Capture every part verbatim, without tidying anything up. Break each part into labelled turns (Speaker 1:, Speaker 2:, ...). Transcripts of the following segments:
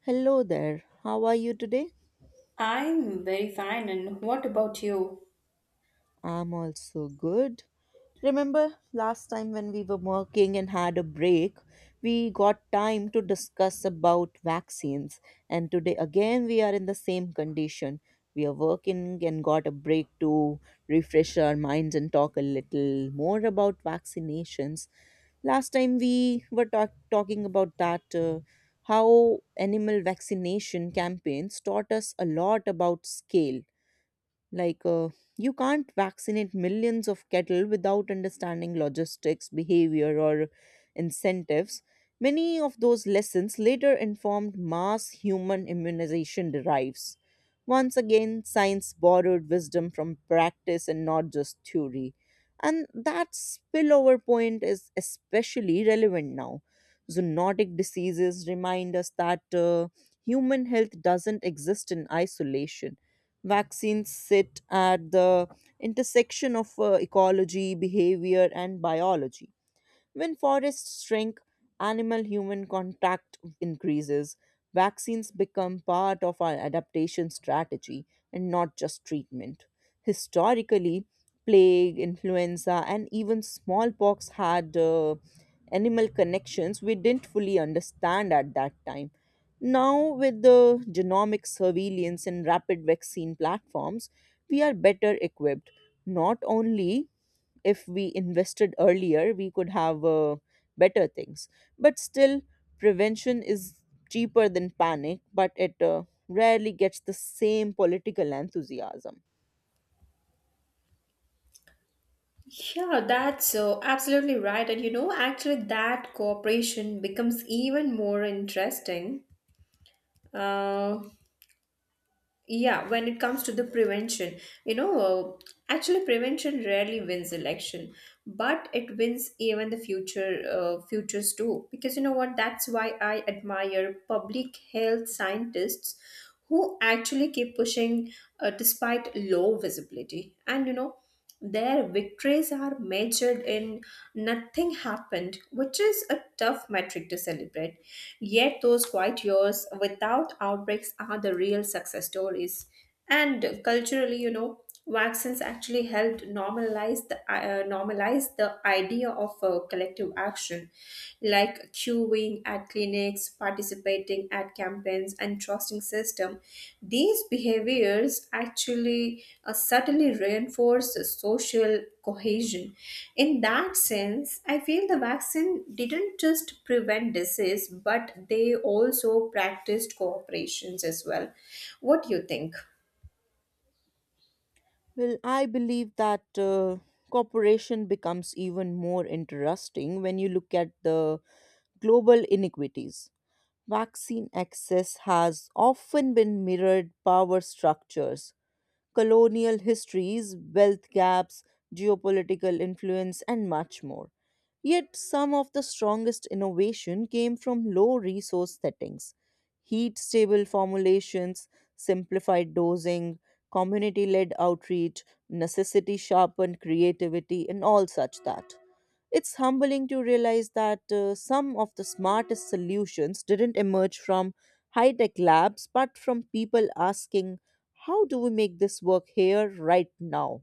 Speaker 1: Hello there. How are you today?
Speaker 2: I'm very fine, and what about you?
Speaker 1: I'm also good. Remember last time when we were working and had a break, we got time to discuss about vaccines. And today again we are in the same condition. We are working and got a break to refresh our minds and talk a little more about vaccinations. Last time we were talk- talking about that uh, how animal vaccination campaigns taught us a lot about scale like uh, you can't vaccinate millions of cattle without understanding logistics behavior or incentives. Many of those lessons later informed mass human immunization derives. Once again science borrowed wisdom from practice and not just theory, and that spillover point is especially relevant now. Zoonotic diseases remind us that uh, human health doesn't exist in isolation. Vaccines sit at the intersection of uh, ecology, behavior, and biology. When forests shrink, animal human contact increases. Vaccines become part of our adaptation strategy and not just treatment. Historically, plague, influenza, and even smallpox had uh, animal connections we didn't fully understand at that time. Now, with the genomic surveillance and rapid vaccine platforms, we are better equipped. Not only if we invested earlier, we could have uh, better things. But still, prevention is cheaper than panic, but it uh, rarely gets the same political enthusiasm.
Speaker 2: Yeah, that's uh, absolutely right. And you know, actually, that cooperation becomes even more interesting. Uh, yeah, when it comes to the prevention, you know uh, actually prevention rarely wins election, but it wins even the future uh, futures too, because you know what, that's why I admire public health scientists who actually keep pushing, uh, despite low visibility. And you know their victories are measured in nothing happened, which is a tough metric to celebrate. Yet, those quiet years without outbreaks are the real success stories. And culturally, you know, vaccines actually helped normalize the uh, normalize the idea of uh, collective action, like queuing at clinics, participating at campaigns, and trusting system. These behaviors actually uh, subtly reinforce social cohesion. In that sense, I feel the vaccine didn't just prevent disease, but they also practiced cooperations as well. What do you think?
Speaker 1: Well, I believe that uh, cooperation becomes even more interesting when you look at the global inequities. Vaccine access has often been mirrored power structures, colonial histories, wealth gaps, geopolitical influence, and much more. Yet some of the strongest innovation came from low resource settings. Heat stable formulations, simplified dosing, community led outreach, necessity sharpened creativity, and all such that. It's humbling to realize that uh, some of the smartest solutions didn't emerge from high tech labs, but from people asking, how do we make this work here right now?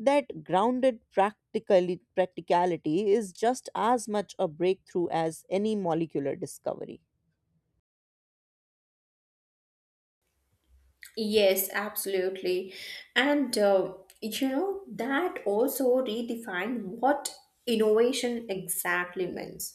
Speaker 1: That grounded practically, practicality is just as much a breakthrough as any molecular discovery.
Speaker 2: Yes, absolutely. And uh, you know, that also redefine what innovation exactly means.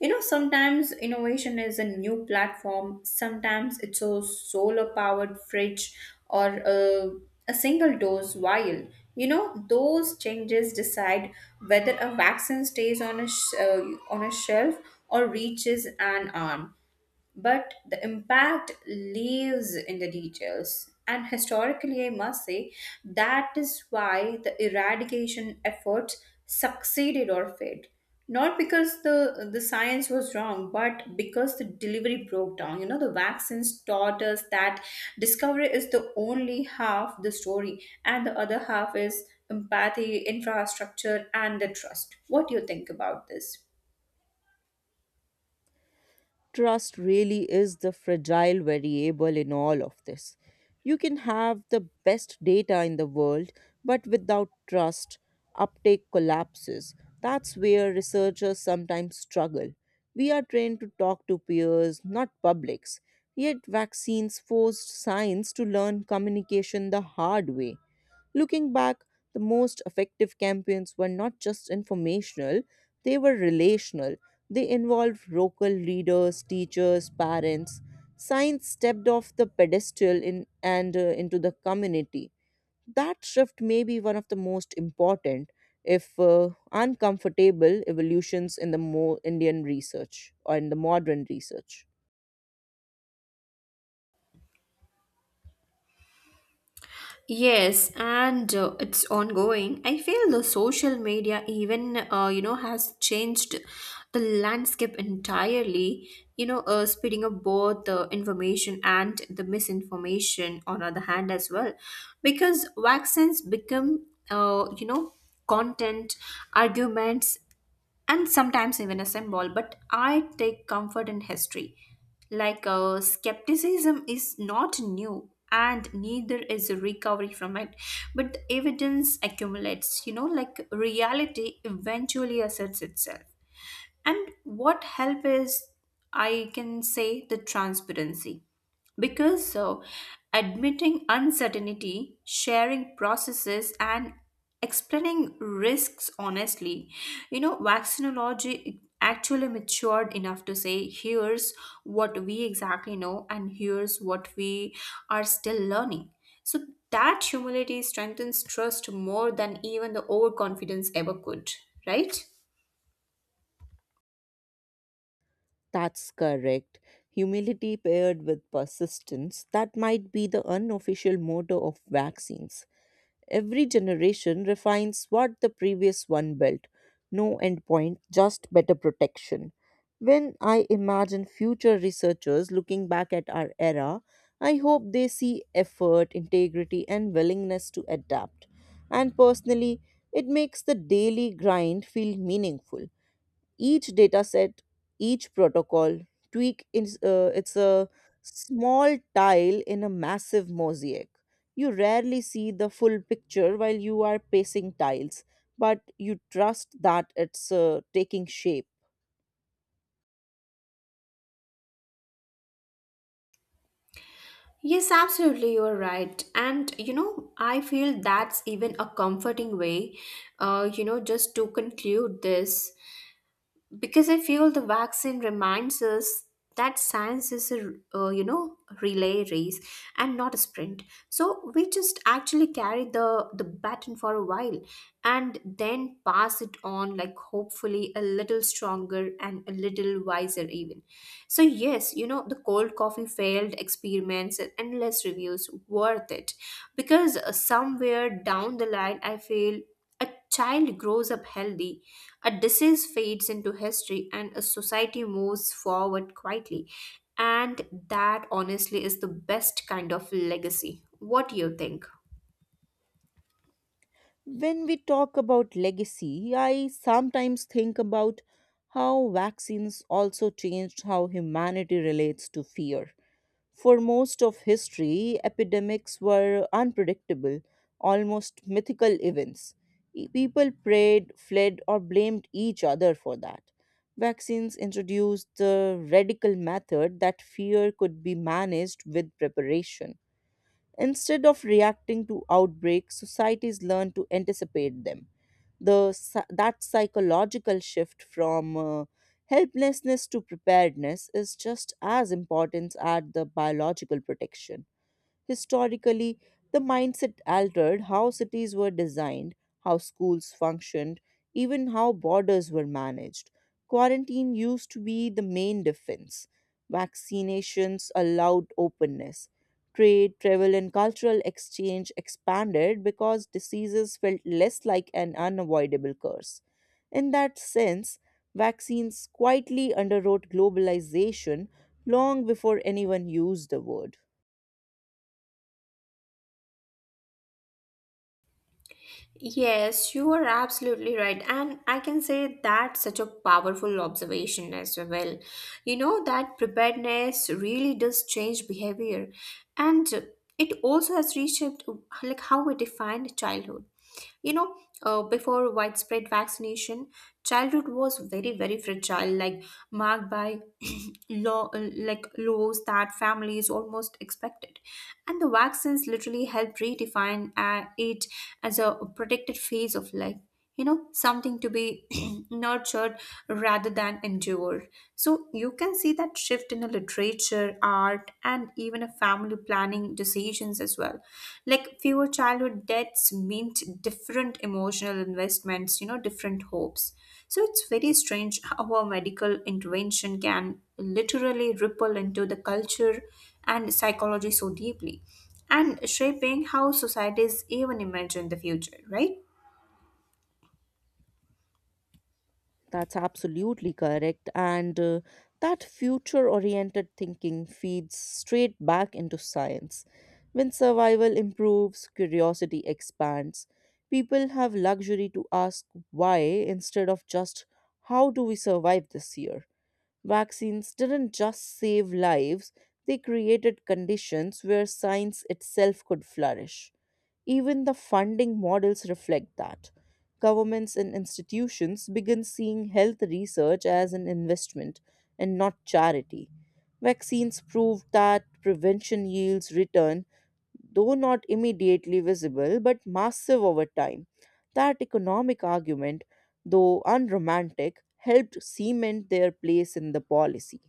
Speaker 2: You know, sometimes innovation is a new platform, sometimes it's a solar powered fridge or a, a single dose vial. You know, those changes decide whether a vaccine stays on a, sh- uh, on a shelf or reaches an arm, but the impact lives in the details. And historically, I must say that is why the eradication efforts succeeded or failed. Not because the, the science was wrong, but because the delivery broke down. You know, the vaccines taught us that discovery is the only half the story, and the other half is empathy, infrastructure, and the trust. What do you think about this?
Speaker 1: Trust really is the fragile variable in all of this. You can have the best data in the world, but without trust, uptake collapses. That's where researchers sometimes struggle. We are trained to talk to peers, not publics. Yet, vaccines forced science to learn communication the hard way. Looking back, the most effective campaigns were not just informational, they were relational. They involved local leaders, teachers, parents. Science stepped off the pedestal in, and uh, into the community. That shift may be one of the most important, if uh, uncomfortable, evolutions in the more Indian research or in the modern research.
Speaker 2: Yes, and uh, it's ongoing. I feel the social media even uh, you know has changed the landscape entirely. You know, uh, speeding up both the information and the misinformation on other hand as well, because vaccines become uh, you know content, arguments, and sometimes even a symbol, but I take comfort in history. Like uh, skepticism is not new, and neither is recovery from it, but the evidence accumulates, you know, like reality eventually asserts itself. And what help is, I can say, the transparency, because so admitting uncertainty, sharing processes, and explaining risks honestly, you know, vaccinology actually matured enough to say here's what we exactly know and here's what we are still learning. So that humility strengthens trust more than even the overconfidence ever could, right?
Speaker 1: That's correct. Humility paired with persistence, that might be the unofficial motto of vaccines. Every generation refines what the previous one built. No endpoint, just better protection. When I imagine future researchers looking back at our era, I hope they see effort, integrity, and willingness to adapt. And personally, it makes the daily grind feel meaningful. Each dataset, each protocol tweak is uh, it's a small tile in a massive mosaic. You rarely see the full picture while you are pacing tiles, but you trust that it's uh, taking shape.
Speaker 2: Yes, absolutely, you're right. And you know, I feel that's even a comforting way, uh, you know, just to conclude this because I feel the vaccine reminds us that science is a uh, you know, relay race and not a sprint. So we just actually carry the the baton for a while and then pass it on, like hopefully a little stronger and a little wiser even. So yes, you know, the cold coffee, failed experiments, and endless reviews worth it, because uh, somewhere down the line I feel a child grows up healthy, a disease fades into history, and a society moves forward quietly. And that honestly is the best kind of legacy. What do you think?
Speaker 1: When we talk about legacy I sometimes think about how vaccines also changed how humanity relates to fear. For most of history, epidemics were unpredictable, almost mythical events. E- People prayed, fled, or blamed each other for that. Vaccines introduced the radical method that fear could be managed with preparation. Instead of reacting to outbreaks, societies learn to anticipate them. The, psy- that psychological shift from uh, helplessness to preparedness is just as important as the biological protection. Historically, the mindset altered how cities were designed, how schools functioned, even how borders were managed. Quarantine used to be the main defense. Vaccinations allowed openness. Trade, travel, and cultural exchange expanded because diseases felt less like an unavoidable curse. In that sense, vaccines quietly underwrote globalization long before anyone used the word.
Speaker 2: Yes, you are absolutely right. And I can say that's such a powerful observation as well. You know, that preparedness really does change behavior. And it also has reshaped like how we define childhood. You know, uh, before widespread vaccination, childhood was very, very fragile, like marked by law, uh, like laws that families almost expected. And the vaccines literally helped redefine uh, it as a protected phase of life. You know, something to be nurtured rather than endured. So you can see that shift in the literature, art, and even a family planning decisions as well. Like fewer childhood deaths meant different emotional investments, you know, different hopes. So it's very strange how a medical intervention can literally ripple into the culture and psychology so deeply, and shaping how societies even imagine the future, right?
Speaker 1: That's absolutely correct. And uh, that future oriented thinking feeds straight back into science. When survival improves, curiosity expands. People have luxury to ask why instead of just how do we survive this year. Vaccines didn't just save lives, they created conditions where science itself could flourish. Even the funding models reflect that. Governments and institutions begin seeing health research as an investment and not charity. Vaccines proved that prevention yields return, though not immediately visible but massive over time. That economic argument, though unromantic, helped cement their place in the policy.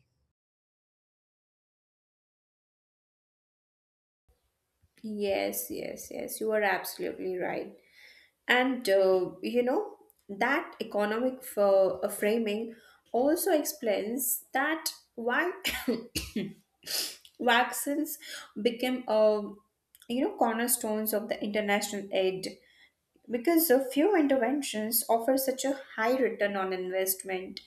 Speaker 2: Yes, yes, yes, you are absolutely right. And uh, you know, that economic f- uh, framing also explains that why vaccines became a, you know, cornerstones of the international aid, because a few interventions offer such a high return on investment,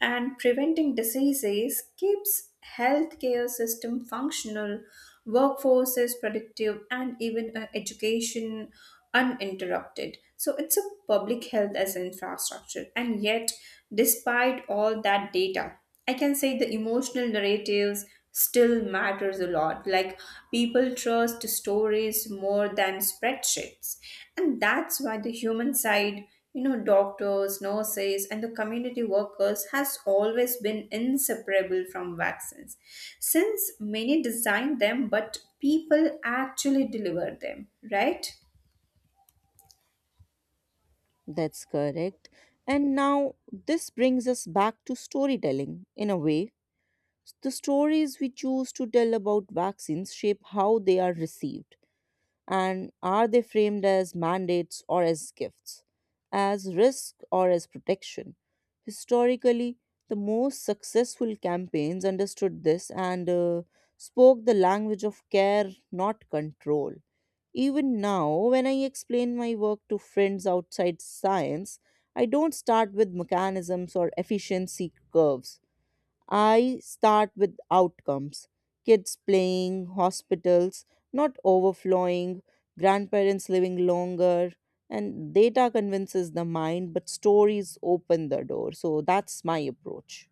Speaker 2: and preventing diseases keeps healthcare system functional, workforces productive, and even uh, education uninterrupted. So it's a public health as an infrastructure. And yet despite all that data, I can say the emotional narratives still matters a lot. Like people trust stories more than spreadsheets. And that's why the human side, you know, doctors, nurses, and the community workers has always been inseparable from vaccines. Since many designed them but people actually deliver them, right?
Speaker 1: That's correct. And now this brings us back to storytelling in a way. The stories we choose to tell about vaccines shape how they are received. And are they framed as mandates or as gifts, as risk or as protection? Historically, the most successful campaigns understood this and uh, spoke the language of care, not control. Even now, when I explain my work to friends outside science, I don't start with mechanisms or efficiency curves. I start with outcomes: kids playing, hospitals not overflowing, grandparents living longer. And data convinces the mind, but stories open the door. So that's my approach.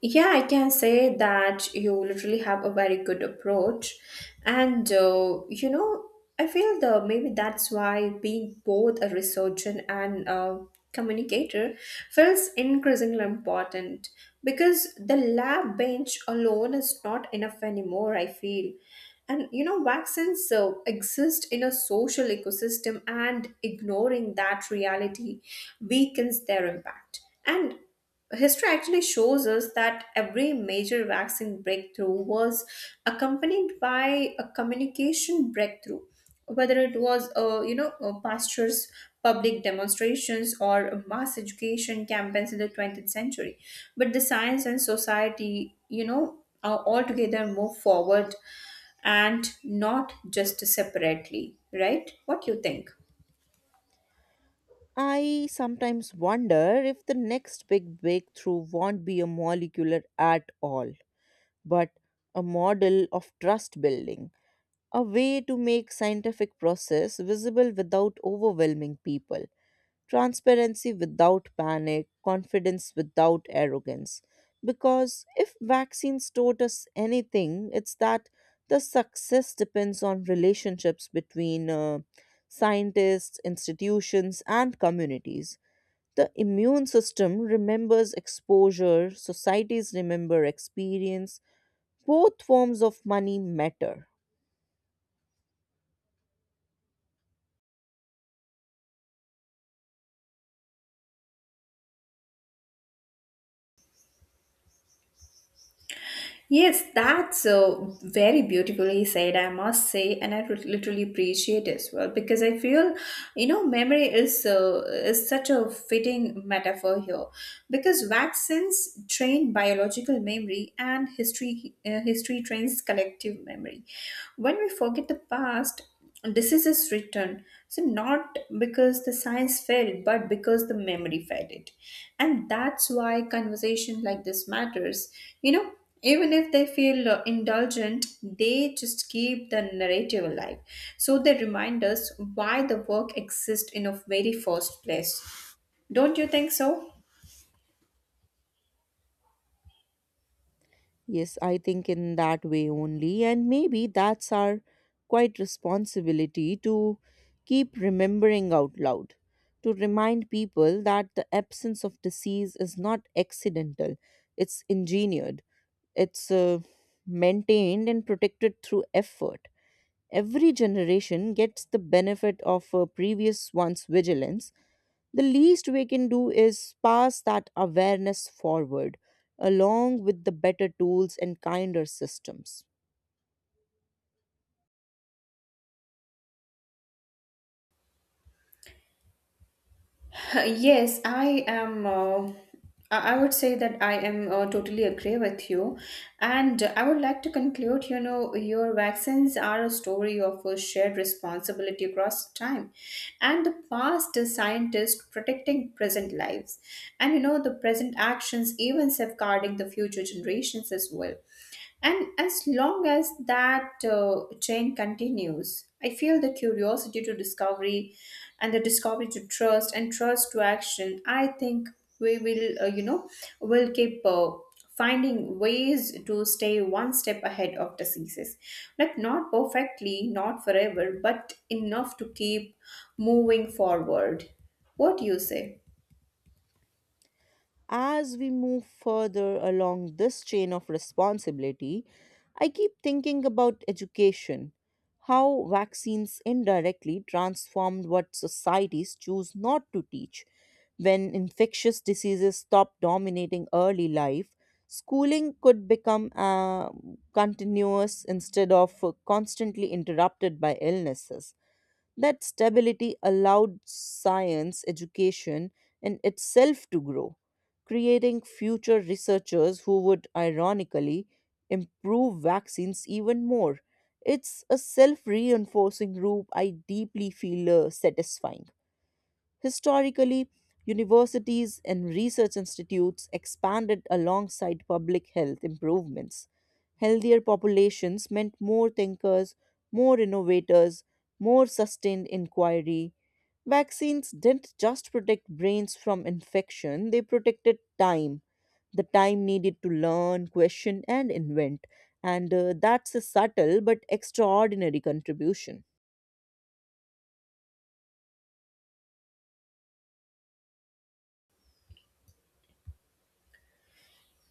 Speaker 2: Yeah, I can say that you literally have a very good approach. And, uh, you know, I feel the maybe that's why being both a researcher and a communicator feels increasingly important, because the lab bench alone is not enough anymore, I feel. And, you know, vaccines uh, exist in a social ecosystem, and ignoring that reality weakens their impact. And history actually shows us that every major vaccine breakthrough was accompanied by a communication breakthrough, whether it was, uh, you know, uh, pastures, public demonstrations, or mass education campaigns in the twentieth century. But the science and society, you know, are altogether move forward and not just separately, right? What you think?
Speaker 1: I sometimes wonder if the next big breakthrough won't be a molecular at all, but a model of trust building, a way to make scientific process visible without overwhelming people. Transparency without panic, confidence without arrogance. Because if vaccines taught us anything, it's that the success depends on relationships between uh, scientists, institutions, and communities. The immune system remembers exposure, societies remember experience. Both forms of money matter.
Speaker 2: Yes, that's uh, very beautifully said, I must say, and I would literally appreciate as well, because I feel, you know, memory is uh, is such a fitting metaphor here, because vaccines train biological memory and history uh, history trains collective memory. When we forget the past, diseases return, so not because the science failed but because the memory failed it. And that's why conversation like this matters, you know, even if they feel uh, indulgent, they just keep the narrative alive. So they remind us why the work exists in a very first place. Don't you think so?
Speaker 1: Yes, I think in that way only, and maybe that's our quite responsibility to keep remembering out loud, to remind people that the absence of disease is not accidental, it's engineered, it's uh, maintained and protected through effort. Every generation gets the benefit of a previous one's vigilance, the least we can do is pass that awareness forward, along with the better tools and kinder systems.
Speaker 2: Yes, I am. Uh, I I would say that I am uh, totally agree with you. And I would like to conclude, you know, your vaccines are a story of a shared responsibility across time, and the past is scientists protecting present lives, and, you know, the present actions, even safeguarding the future generations as well. And as long as that uh, chain continues, I feel the curiosity to discovery, and the discovery to trust, and trust to action. I think we will, uh, you know, will keep uh, finding ways to stay one step ahead of diseases. Like, not perfectly, not forever, but enough to keep moving forward. What do you say?
Speaker 1: As we move further along this chain of responsibility, I keep thinking about education, how vaccines indirectly transformed what societies choose not to teach. When infectious diseases stop dominating early life, schooling could become uh, continuous instead of uh, constantly interrupted by illnesses. That stability allowed science education in itself to grow, creating future researchers who would ironically improve vaccines even more. It's a self reinforcing loop I deeply feel uh, satisfying. Historically, universities and research institutes expanded alongside public health improvements. Healthier populations meant more thinkers, more innovators, more sustained inquiry. Vaccines didn't just protect brains from infection, they protected time. The time needed to learn, question, and invent. And uh, that's a subtle but extraordinary contribution.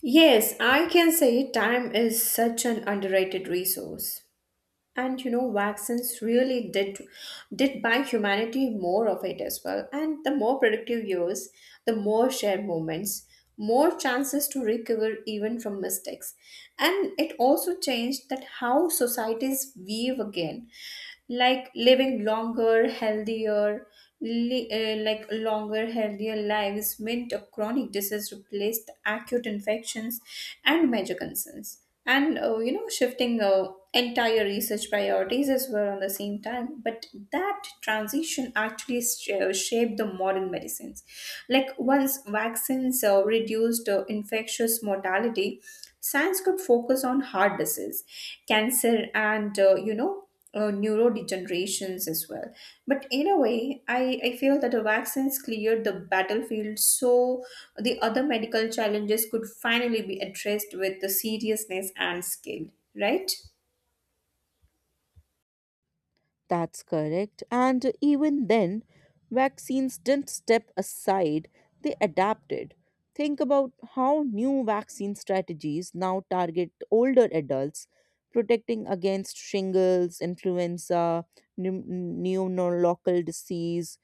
Speaker 2: Yes, I can say time is such an underrated resource. And you know, vaccines really did did buy humanity more of it as well, and the more productive years, the more shared moments, more chances to recover even from mistakes. And it also changed that how societies weave again, like living longer, healthier, li- uh, like longer healthier lives meant a chronic disease replaced acute infections and major concerns, and uh, you know, shifting uh, entire research priorities as well on the same time. But that transition actually sh- uh, shaped the modern medicines. Like once vaccines uh, reduced uh, infectious mortality, science could focus on heart disease, cancer, and uh, you know uh, neurodegenerations as well. But in a way, I, I feel that the vaccines cleared the battlefield so the other medical challenges could finally be addressed with the seriousness and skill, right?
Speaker 1: That's correct. And even then, vaccines didn't step aside, they adapted. Think about how new vaccine strategies now target older adults, protecting against shingles, influenza, pneu- pneumococcal disease.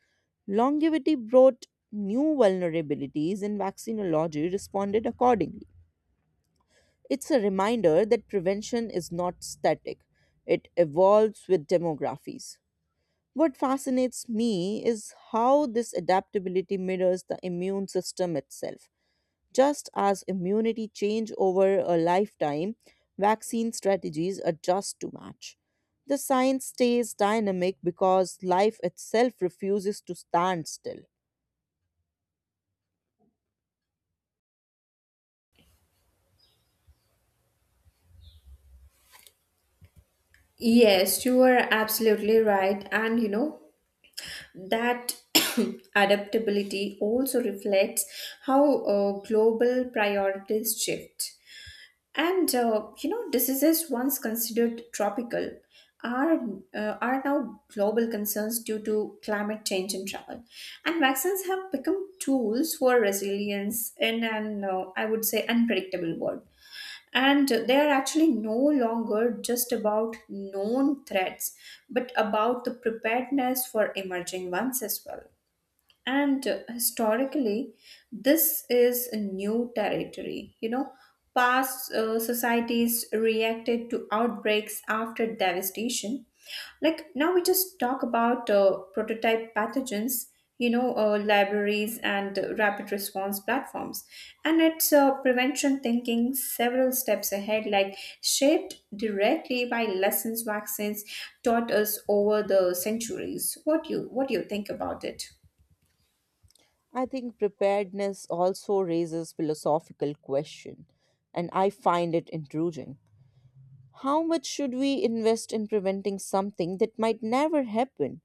Speaker 1: Longevity brought new vulnerabilities, and vaccinology responded accordingly. It's a reminder that prevention is not static, it evolves with demographies. What fascinates me is how this adaptability mirrors the immune system itself. Just as immunity change over a lifetime, vaccine strategies adjust to match. The science stays dynamic because life itself refuses to stand still.
Speaker 2: Yes, you are absolutely right. And you know, that adaptability also reflects how uh, global priorities shift. And uh, you know, diseases once considered tropical are uh, are now global concerns due to climate change and travel. And vaccines have become tools for resilience in an uh, I would say unpredictable world. And they are actually no longer just about known threats, but about the preparedness for emerging ones as well. And uh, historically, this is a new territory. You know, past uh, societies reacted to outbreaks after devastation. Like now, we just talk about uh, prototype pathogens, you know, uh, libraries and uh, rapid response platforms. And it's uh, prevention thinking several steps ahead, like shaped directly by lessons vaccines taught us over the centuries. What you what do you think about it?
Speaker 1: I think preparedness also raises philosophical question, and I find it intriguing. How much should we invest in preventing something that might never happen?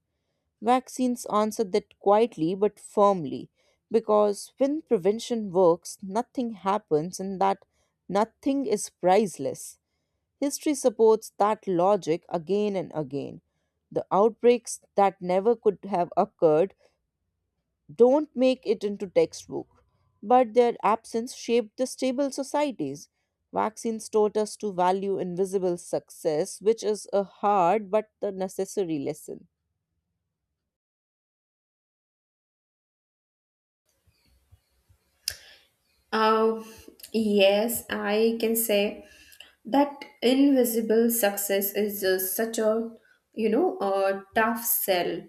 Speaker 1: Vaccines answer that quietly but firmly, because when prevention works, nothing happens, and that nothing is priceless. History supports that logic again and again. The outbreaks that never could have occurred don't make it into textbook, but their absence shaped the stable societies. Vaccines taught us to value invisible success, which is a hard but the necessary lesson.
Speaker 2: Uh, yes, I can say that invisible success is uh, such a, you know, a tough sell,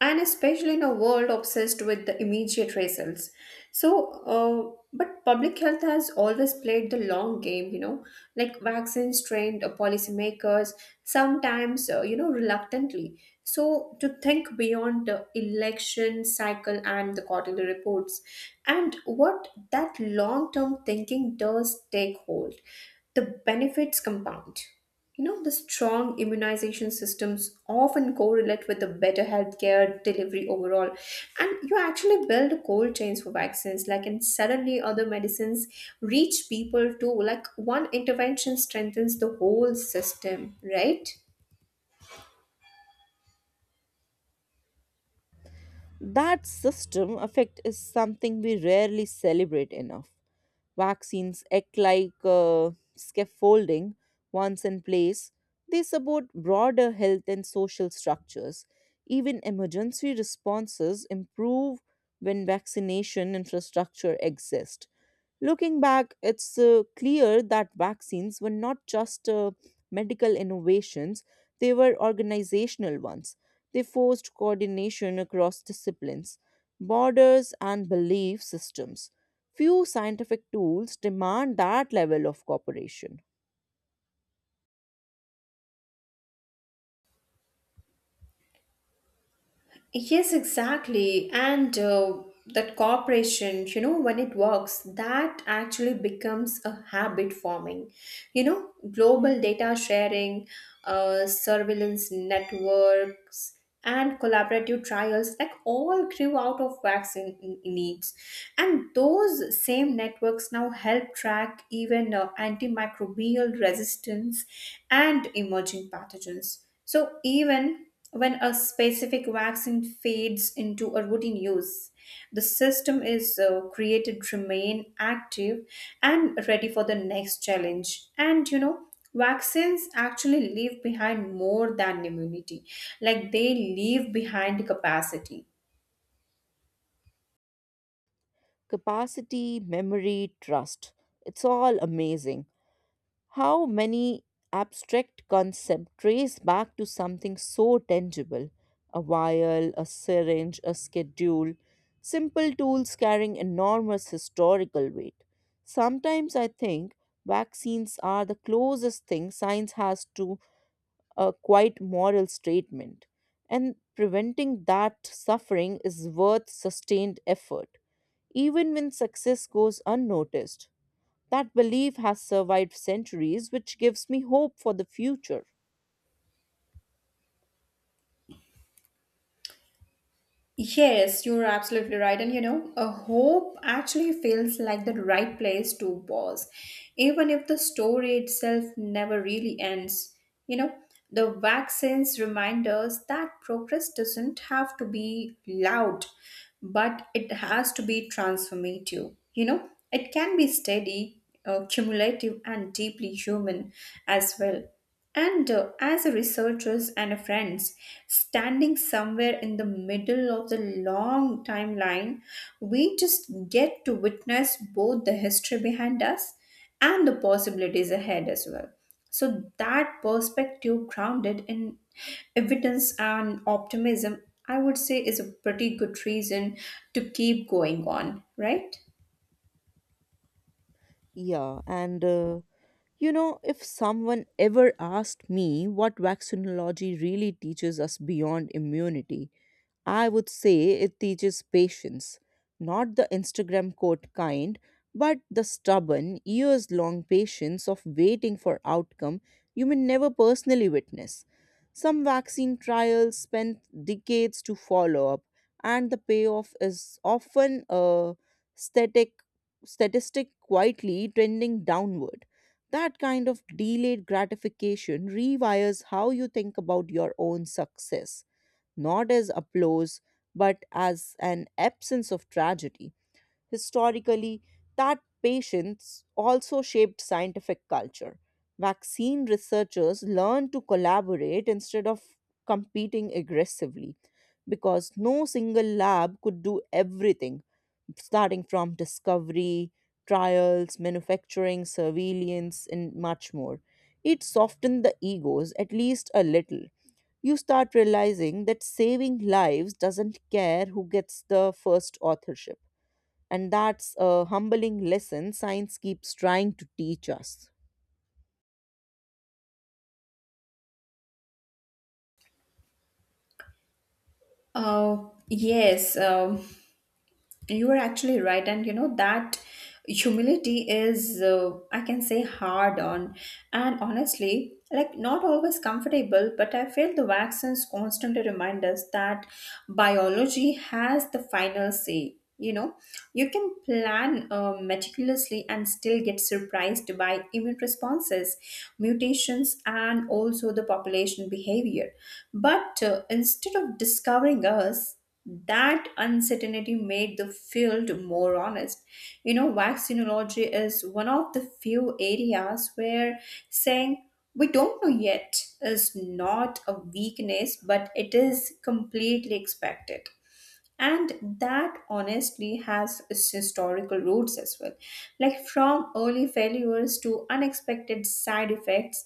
Speaker 2: and especially in a world obsessed with the immediate results. So uh, but public health has always played the long game, you know, like vaccines trained uh, policymakers, sometimes uh, you know, reluctantly so, to think beyond the election cycle and the quarterly reports. And what that long term thinking does take hold, the benefits compound. You know, the strong immunization systems often correlate with a better healthcare delivery overall. And you actually build cold chains for vaccines, like, and suddenly other medicines reach people too. Like, one intervention strengthens the whole system, right?
Speaker 1: That system effect is something we rarely celebrate enough. Vaccines act like uh, scaffolding. Once in place, they support broader health and social structures. Even emergency responses improve when vaccination infrastructure exists. Looking back, it's uh, clear that vaccines were not just uh, medical innovations, they were organizational ones. They forced coordination across disciplines, borders, and belief systems. Few scientific tools demand that level of cooperation.
Speaker 2: Yes, exactly. And uh, that cooperation, you know, when it works, that actually becomes a habit forming. You know, global data sharing, uh, surveillance networks, and collaborative trials, like all grew out of vaccine n- needs. And those same networks now help track even uh, antimicrobial resistance and emerging pathogens. So, even when a specific vaccine fades into a routine use, the system is uh, created to remain active and ready for the next challenge. And you know, vaccines actually leave behind more than immunity, like they leave behind capacity.
Speaker 1: Capacity, memory, trust. It's all amazing. How many abstract concepts trace back to something so tangible? A vial, a syringe, a schedule, simple tools carrying enormous historical weight. Sometimes I think vaccines are the closest thing science has to a quite moral statement, and preventing that suffering is worth sustained effort, even when success goes unnoticed. That belief has survived centuries, which gives me hope for the future.
Speaker 2: Yes, you're absolutely right. And you know, a hope actually feels like the right place to pause, even if the story itself never really ends. You know, the vaccines remind us that progress doesn't have to be loud, but it has to be transformative. You know, it can be steady, uh, cumulative, and deeply human as well. And uh, as a researchers and a friends, standing somewhere in the middle of the long timeline, we just get to witness both the history behind us and the possibilities ahead as well. So that perspective grounded in evidence and optimism, I would say is a pretty good reason to keep going on, right?
Speaker 1: Yeah, and uh, you know, if someone ever asked me what vaccinology really teaches us beyond immunity, I would say it teaches patience, not the Instagram quote kind, but the stubborn, years long patience of waiting for outcome you may never personally witness. Some vaccine trials spend decades to follow up, and the payoff is often a static statistic quietly trending downward. That kind of delayed gratification rewires how you think about your own success, not as applause, but as an absence of tragedy. Historically, that patience also shaped scientific culture. Vaccine researchers learned to collaborate instead of competing aggressively, because no single lab could do everything, starting from discovery, trials, manufacturing, surveillance, and much more. It softened the egos at least a little. You start realizing that saving lives doesn't care who gets the first authorship. And that's a humbling lesson science keeps trying to teach us.
Speaker 2: Uh, yes. um You are actually right, and you know that humility is, uh, I can say, hard on, and honestly, like not always comfortable. But I feel the vaccines constantly remind us that biology has the final say. You know, you can plan uh, meticulously and still get surprised by immune responses, mutations, and also the population behavior. But uh, instead of discovering us, that uncertainty made the field more honest. You know, vaccinology is one of the few areas where saying we don't know yet is not a weakness, but it is completely expected and that honestly has its historical roots as well, like from early failures to unexpected side effects,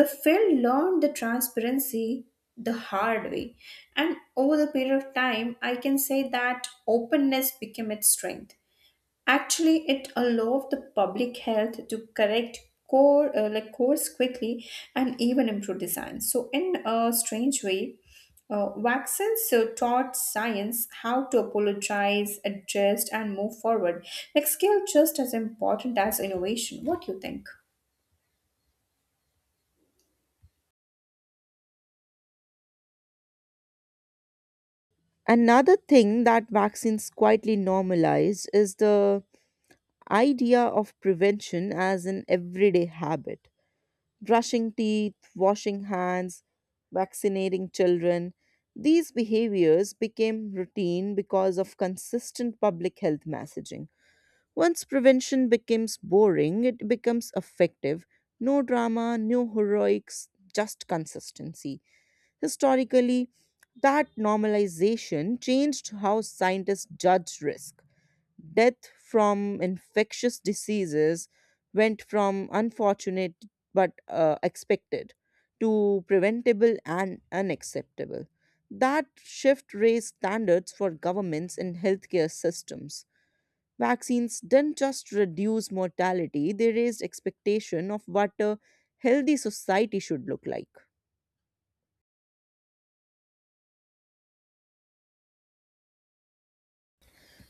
Speaker 2: the film learned the transparency the hard way, and over the period of time I can say that openness became its strength. Actually, it allowed the public health to correct core uh, like course quickly and even improve design. So, in a strange way, uh, vaccines uh, taught science how to apologize, adjust, and move forward. Like skill, just as important as innovation. What do you think?
Speaker 1: Another thing that vaccines quietly normalize is the idea of prevention as an everyday habit: brushing teeth, washing hands, vaccinating children. These behaviors became routine because of consistent public health messaging. Once prevention becomes boring, it becomes effective. No drama, no heroics, just consistency. Historically, that normalization changed how scientists judge risk. Death from infectious diseases went from unfortunate but uh, expected to preventable and unacceptable. That shift raised standards for governments and healthcare systems. Vaccines didn't just reduce mortality, they raised expectation of what a healthy society should look like.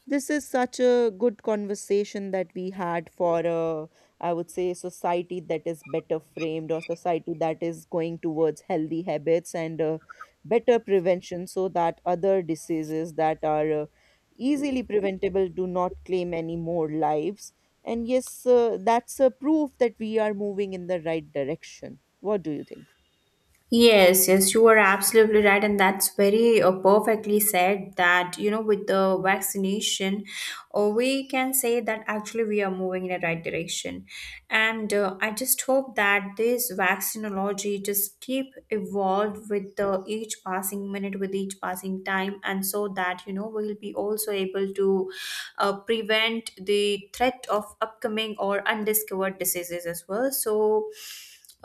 Speaker 1: This is such a good conversation that we had for a, I would say, society that is better framed or society that is going towards healthy habits and uh, better prevention so that other diseases that are uh, easily preventable do not claim any more lives. And yes, uh, that's a proof that we are moving in the right direction. What do you think?
Speaker 2: Yes, yes, you are absolutely right, and that's very uh, perfectly said. That you know, with the vaccination, uh, we can say that actually we are moving in the right direction, and uh, I just hope that this vaccinology just keep evolved with the each passing minute, with each passing time, and so that you know we will be also able to uh, prevent the threat of upcoming or undiscovered diseases as well. So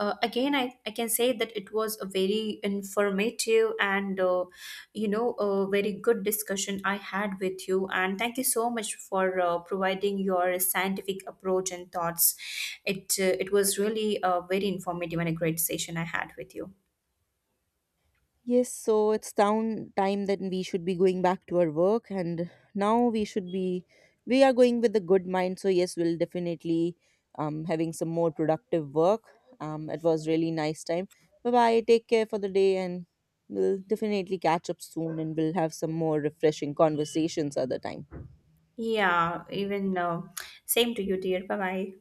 Speaker 2: uh, again I, I can say that it was a very informative and uh, you know a very good discussion I had with you, and thank you so much for uh, providing your scientific approach and thoughts. It uh, it was really a very informative and a great session I had with you.
Speaker 1: Yes, so it's down time that we should be going back to our work, and now we should be, we are going with a good mind. So yes, we'll definitely um having some more productive work. Um, it was really nice time. Bye bye. Take care for the day, and we'll definitely catch up soon, and we'll have some more refreshing conversations other time.
Speaker 2: Yeah, even uh, same to you dear. Bye bye.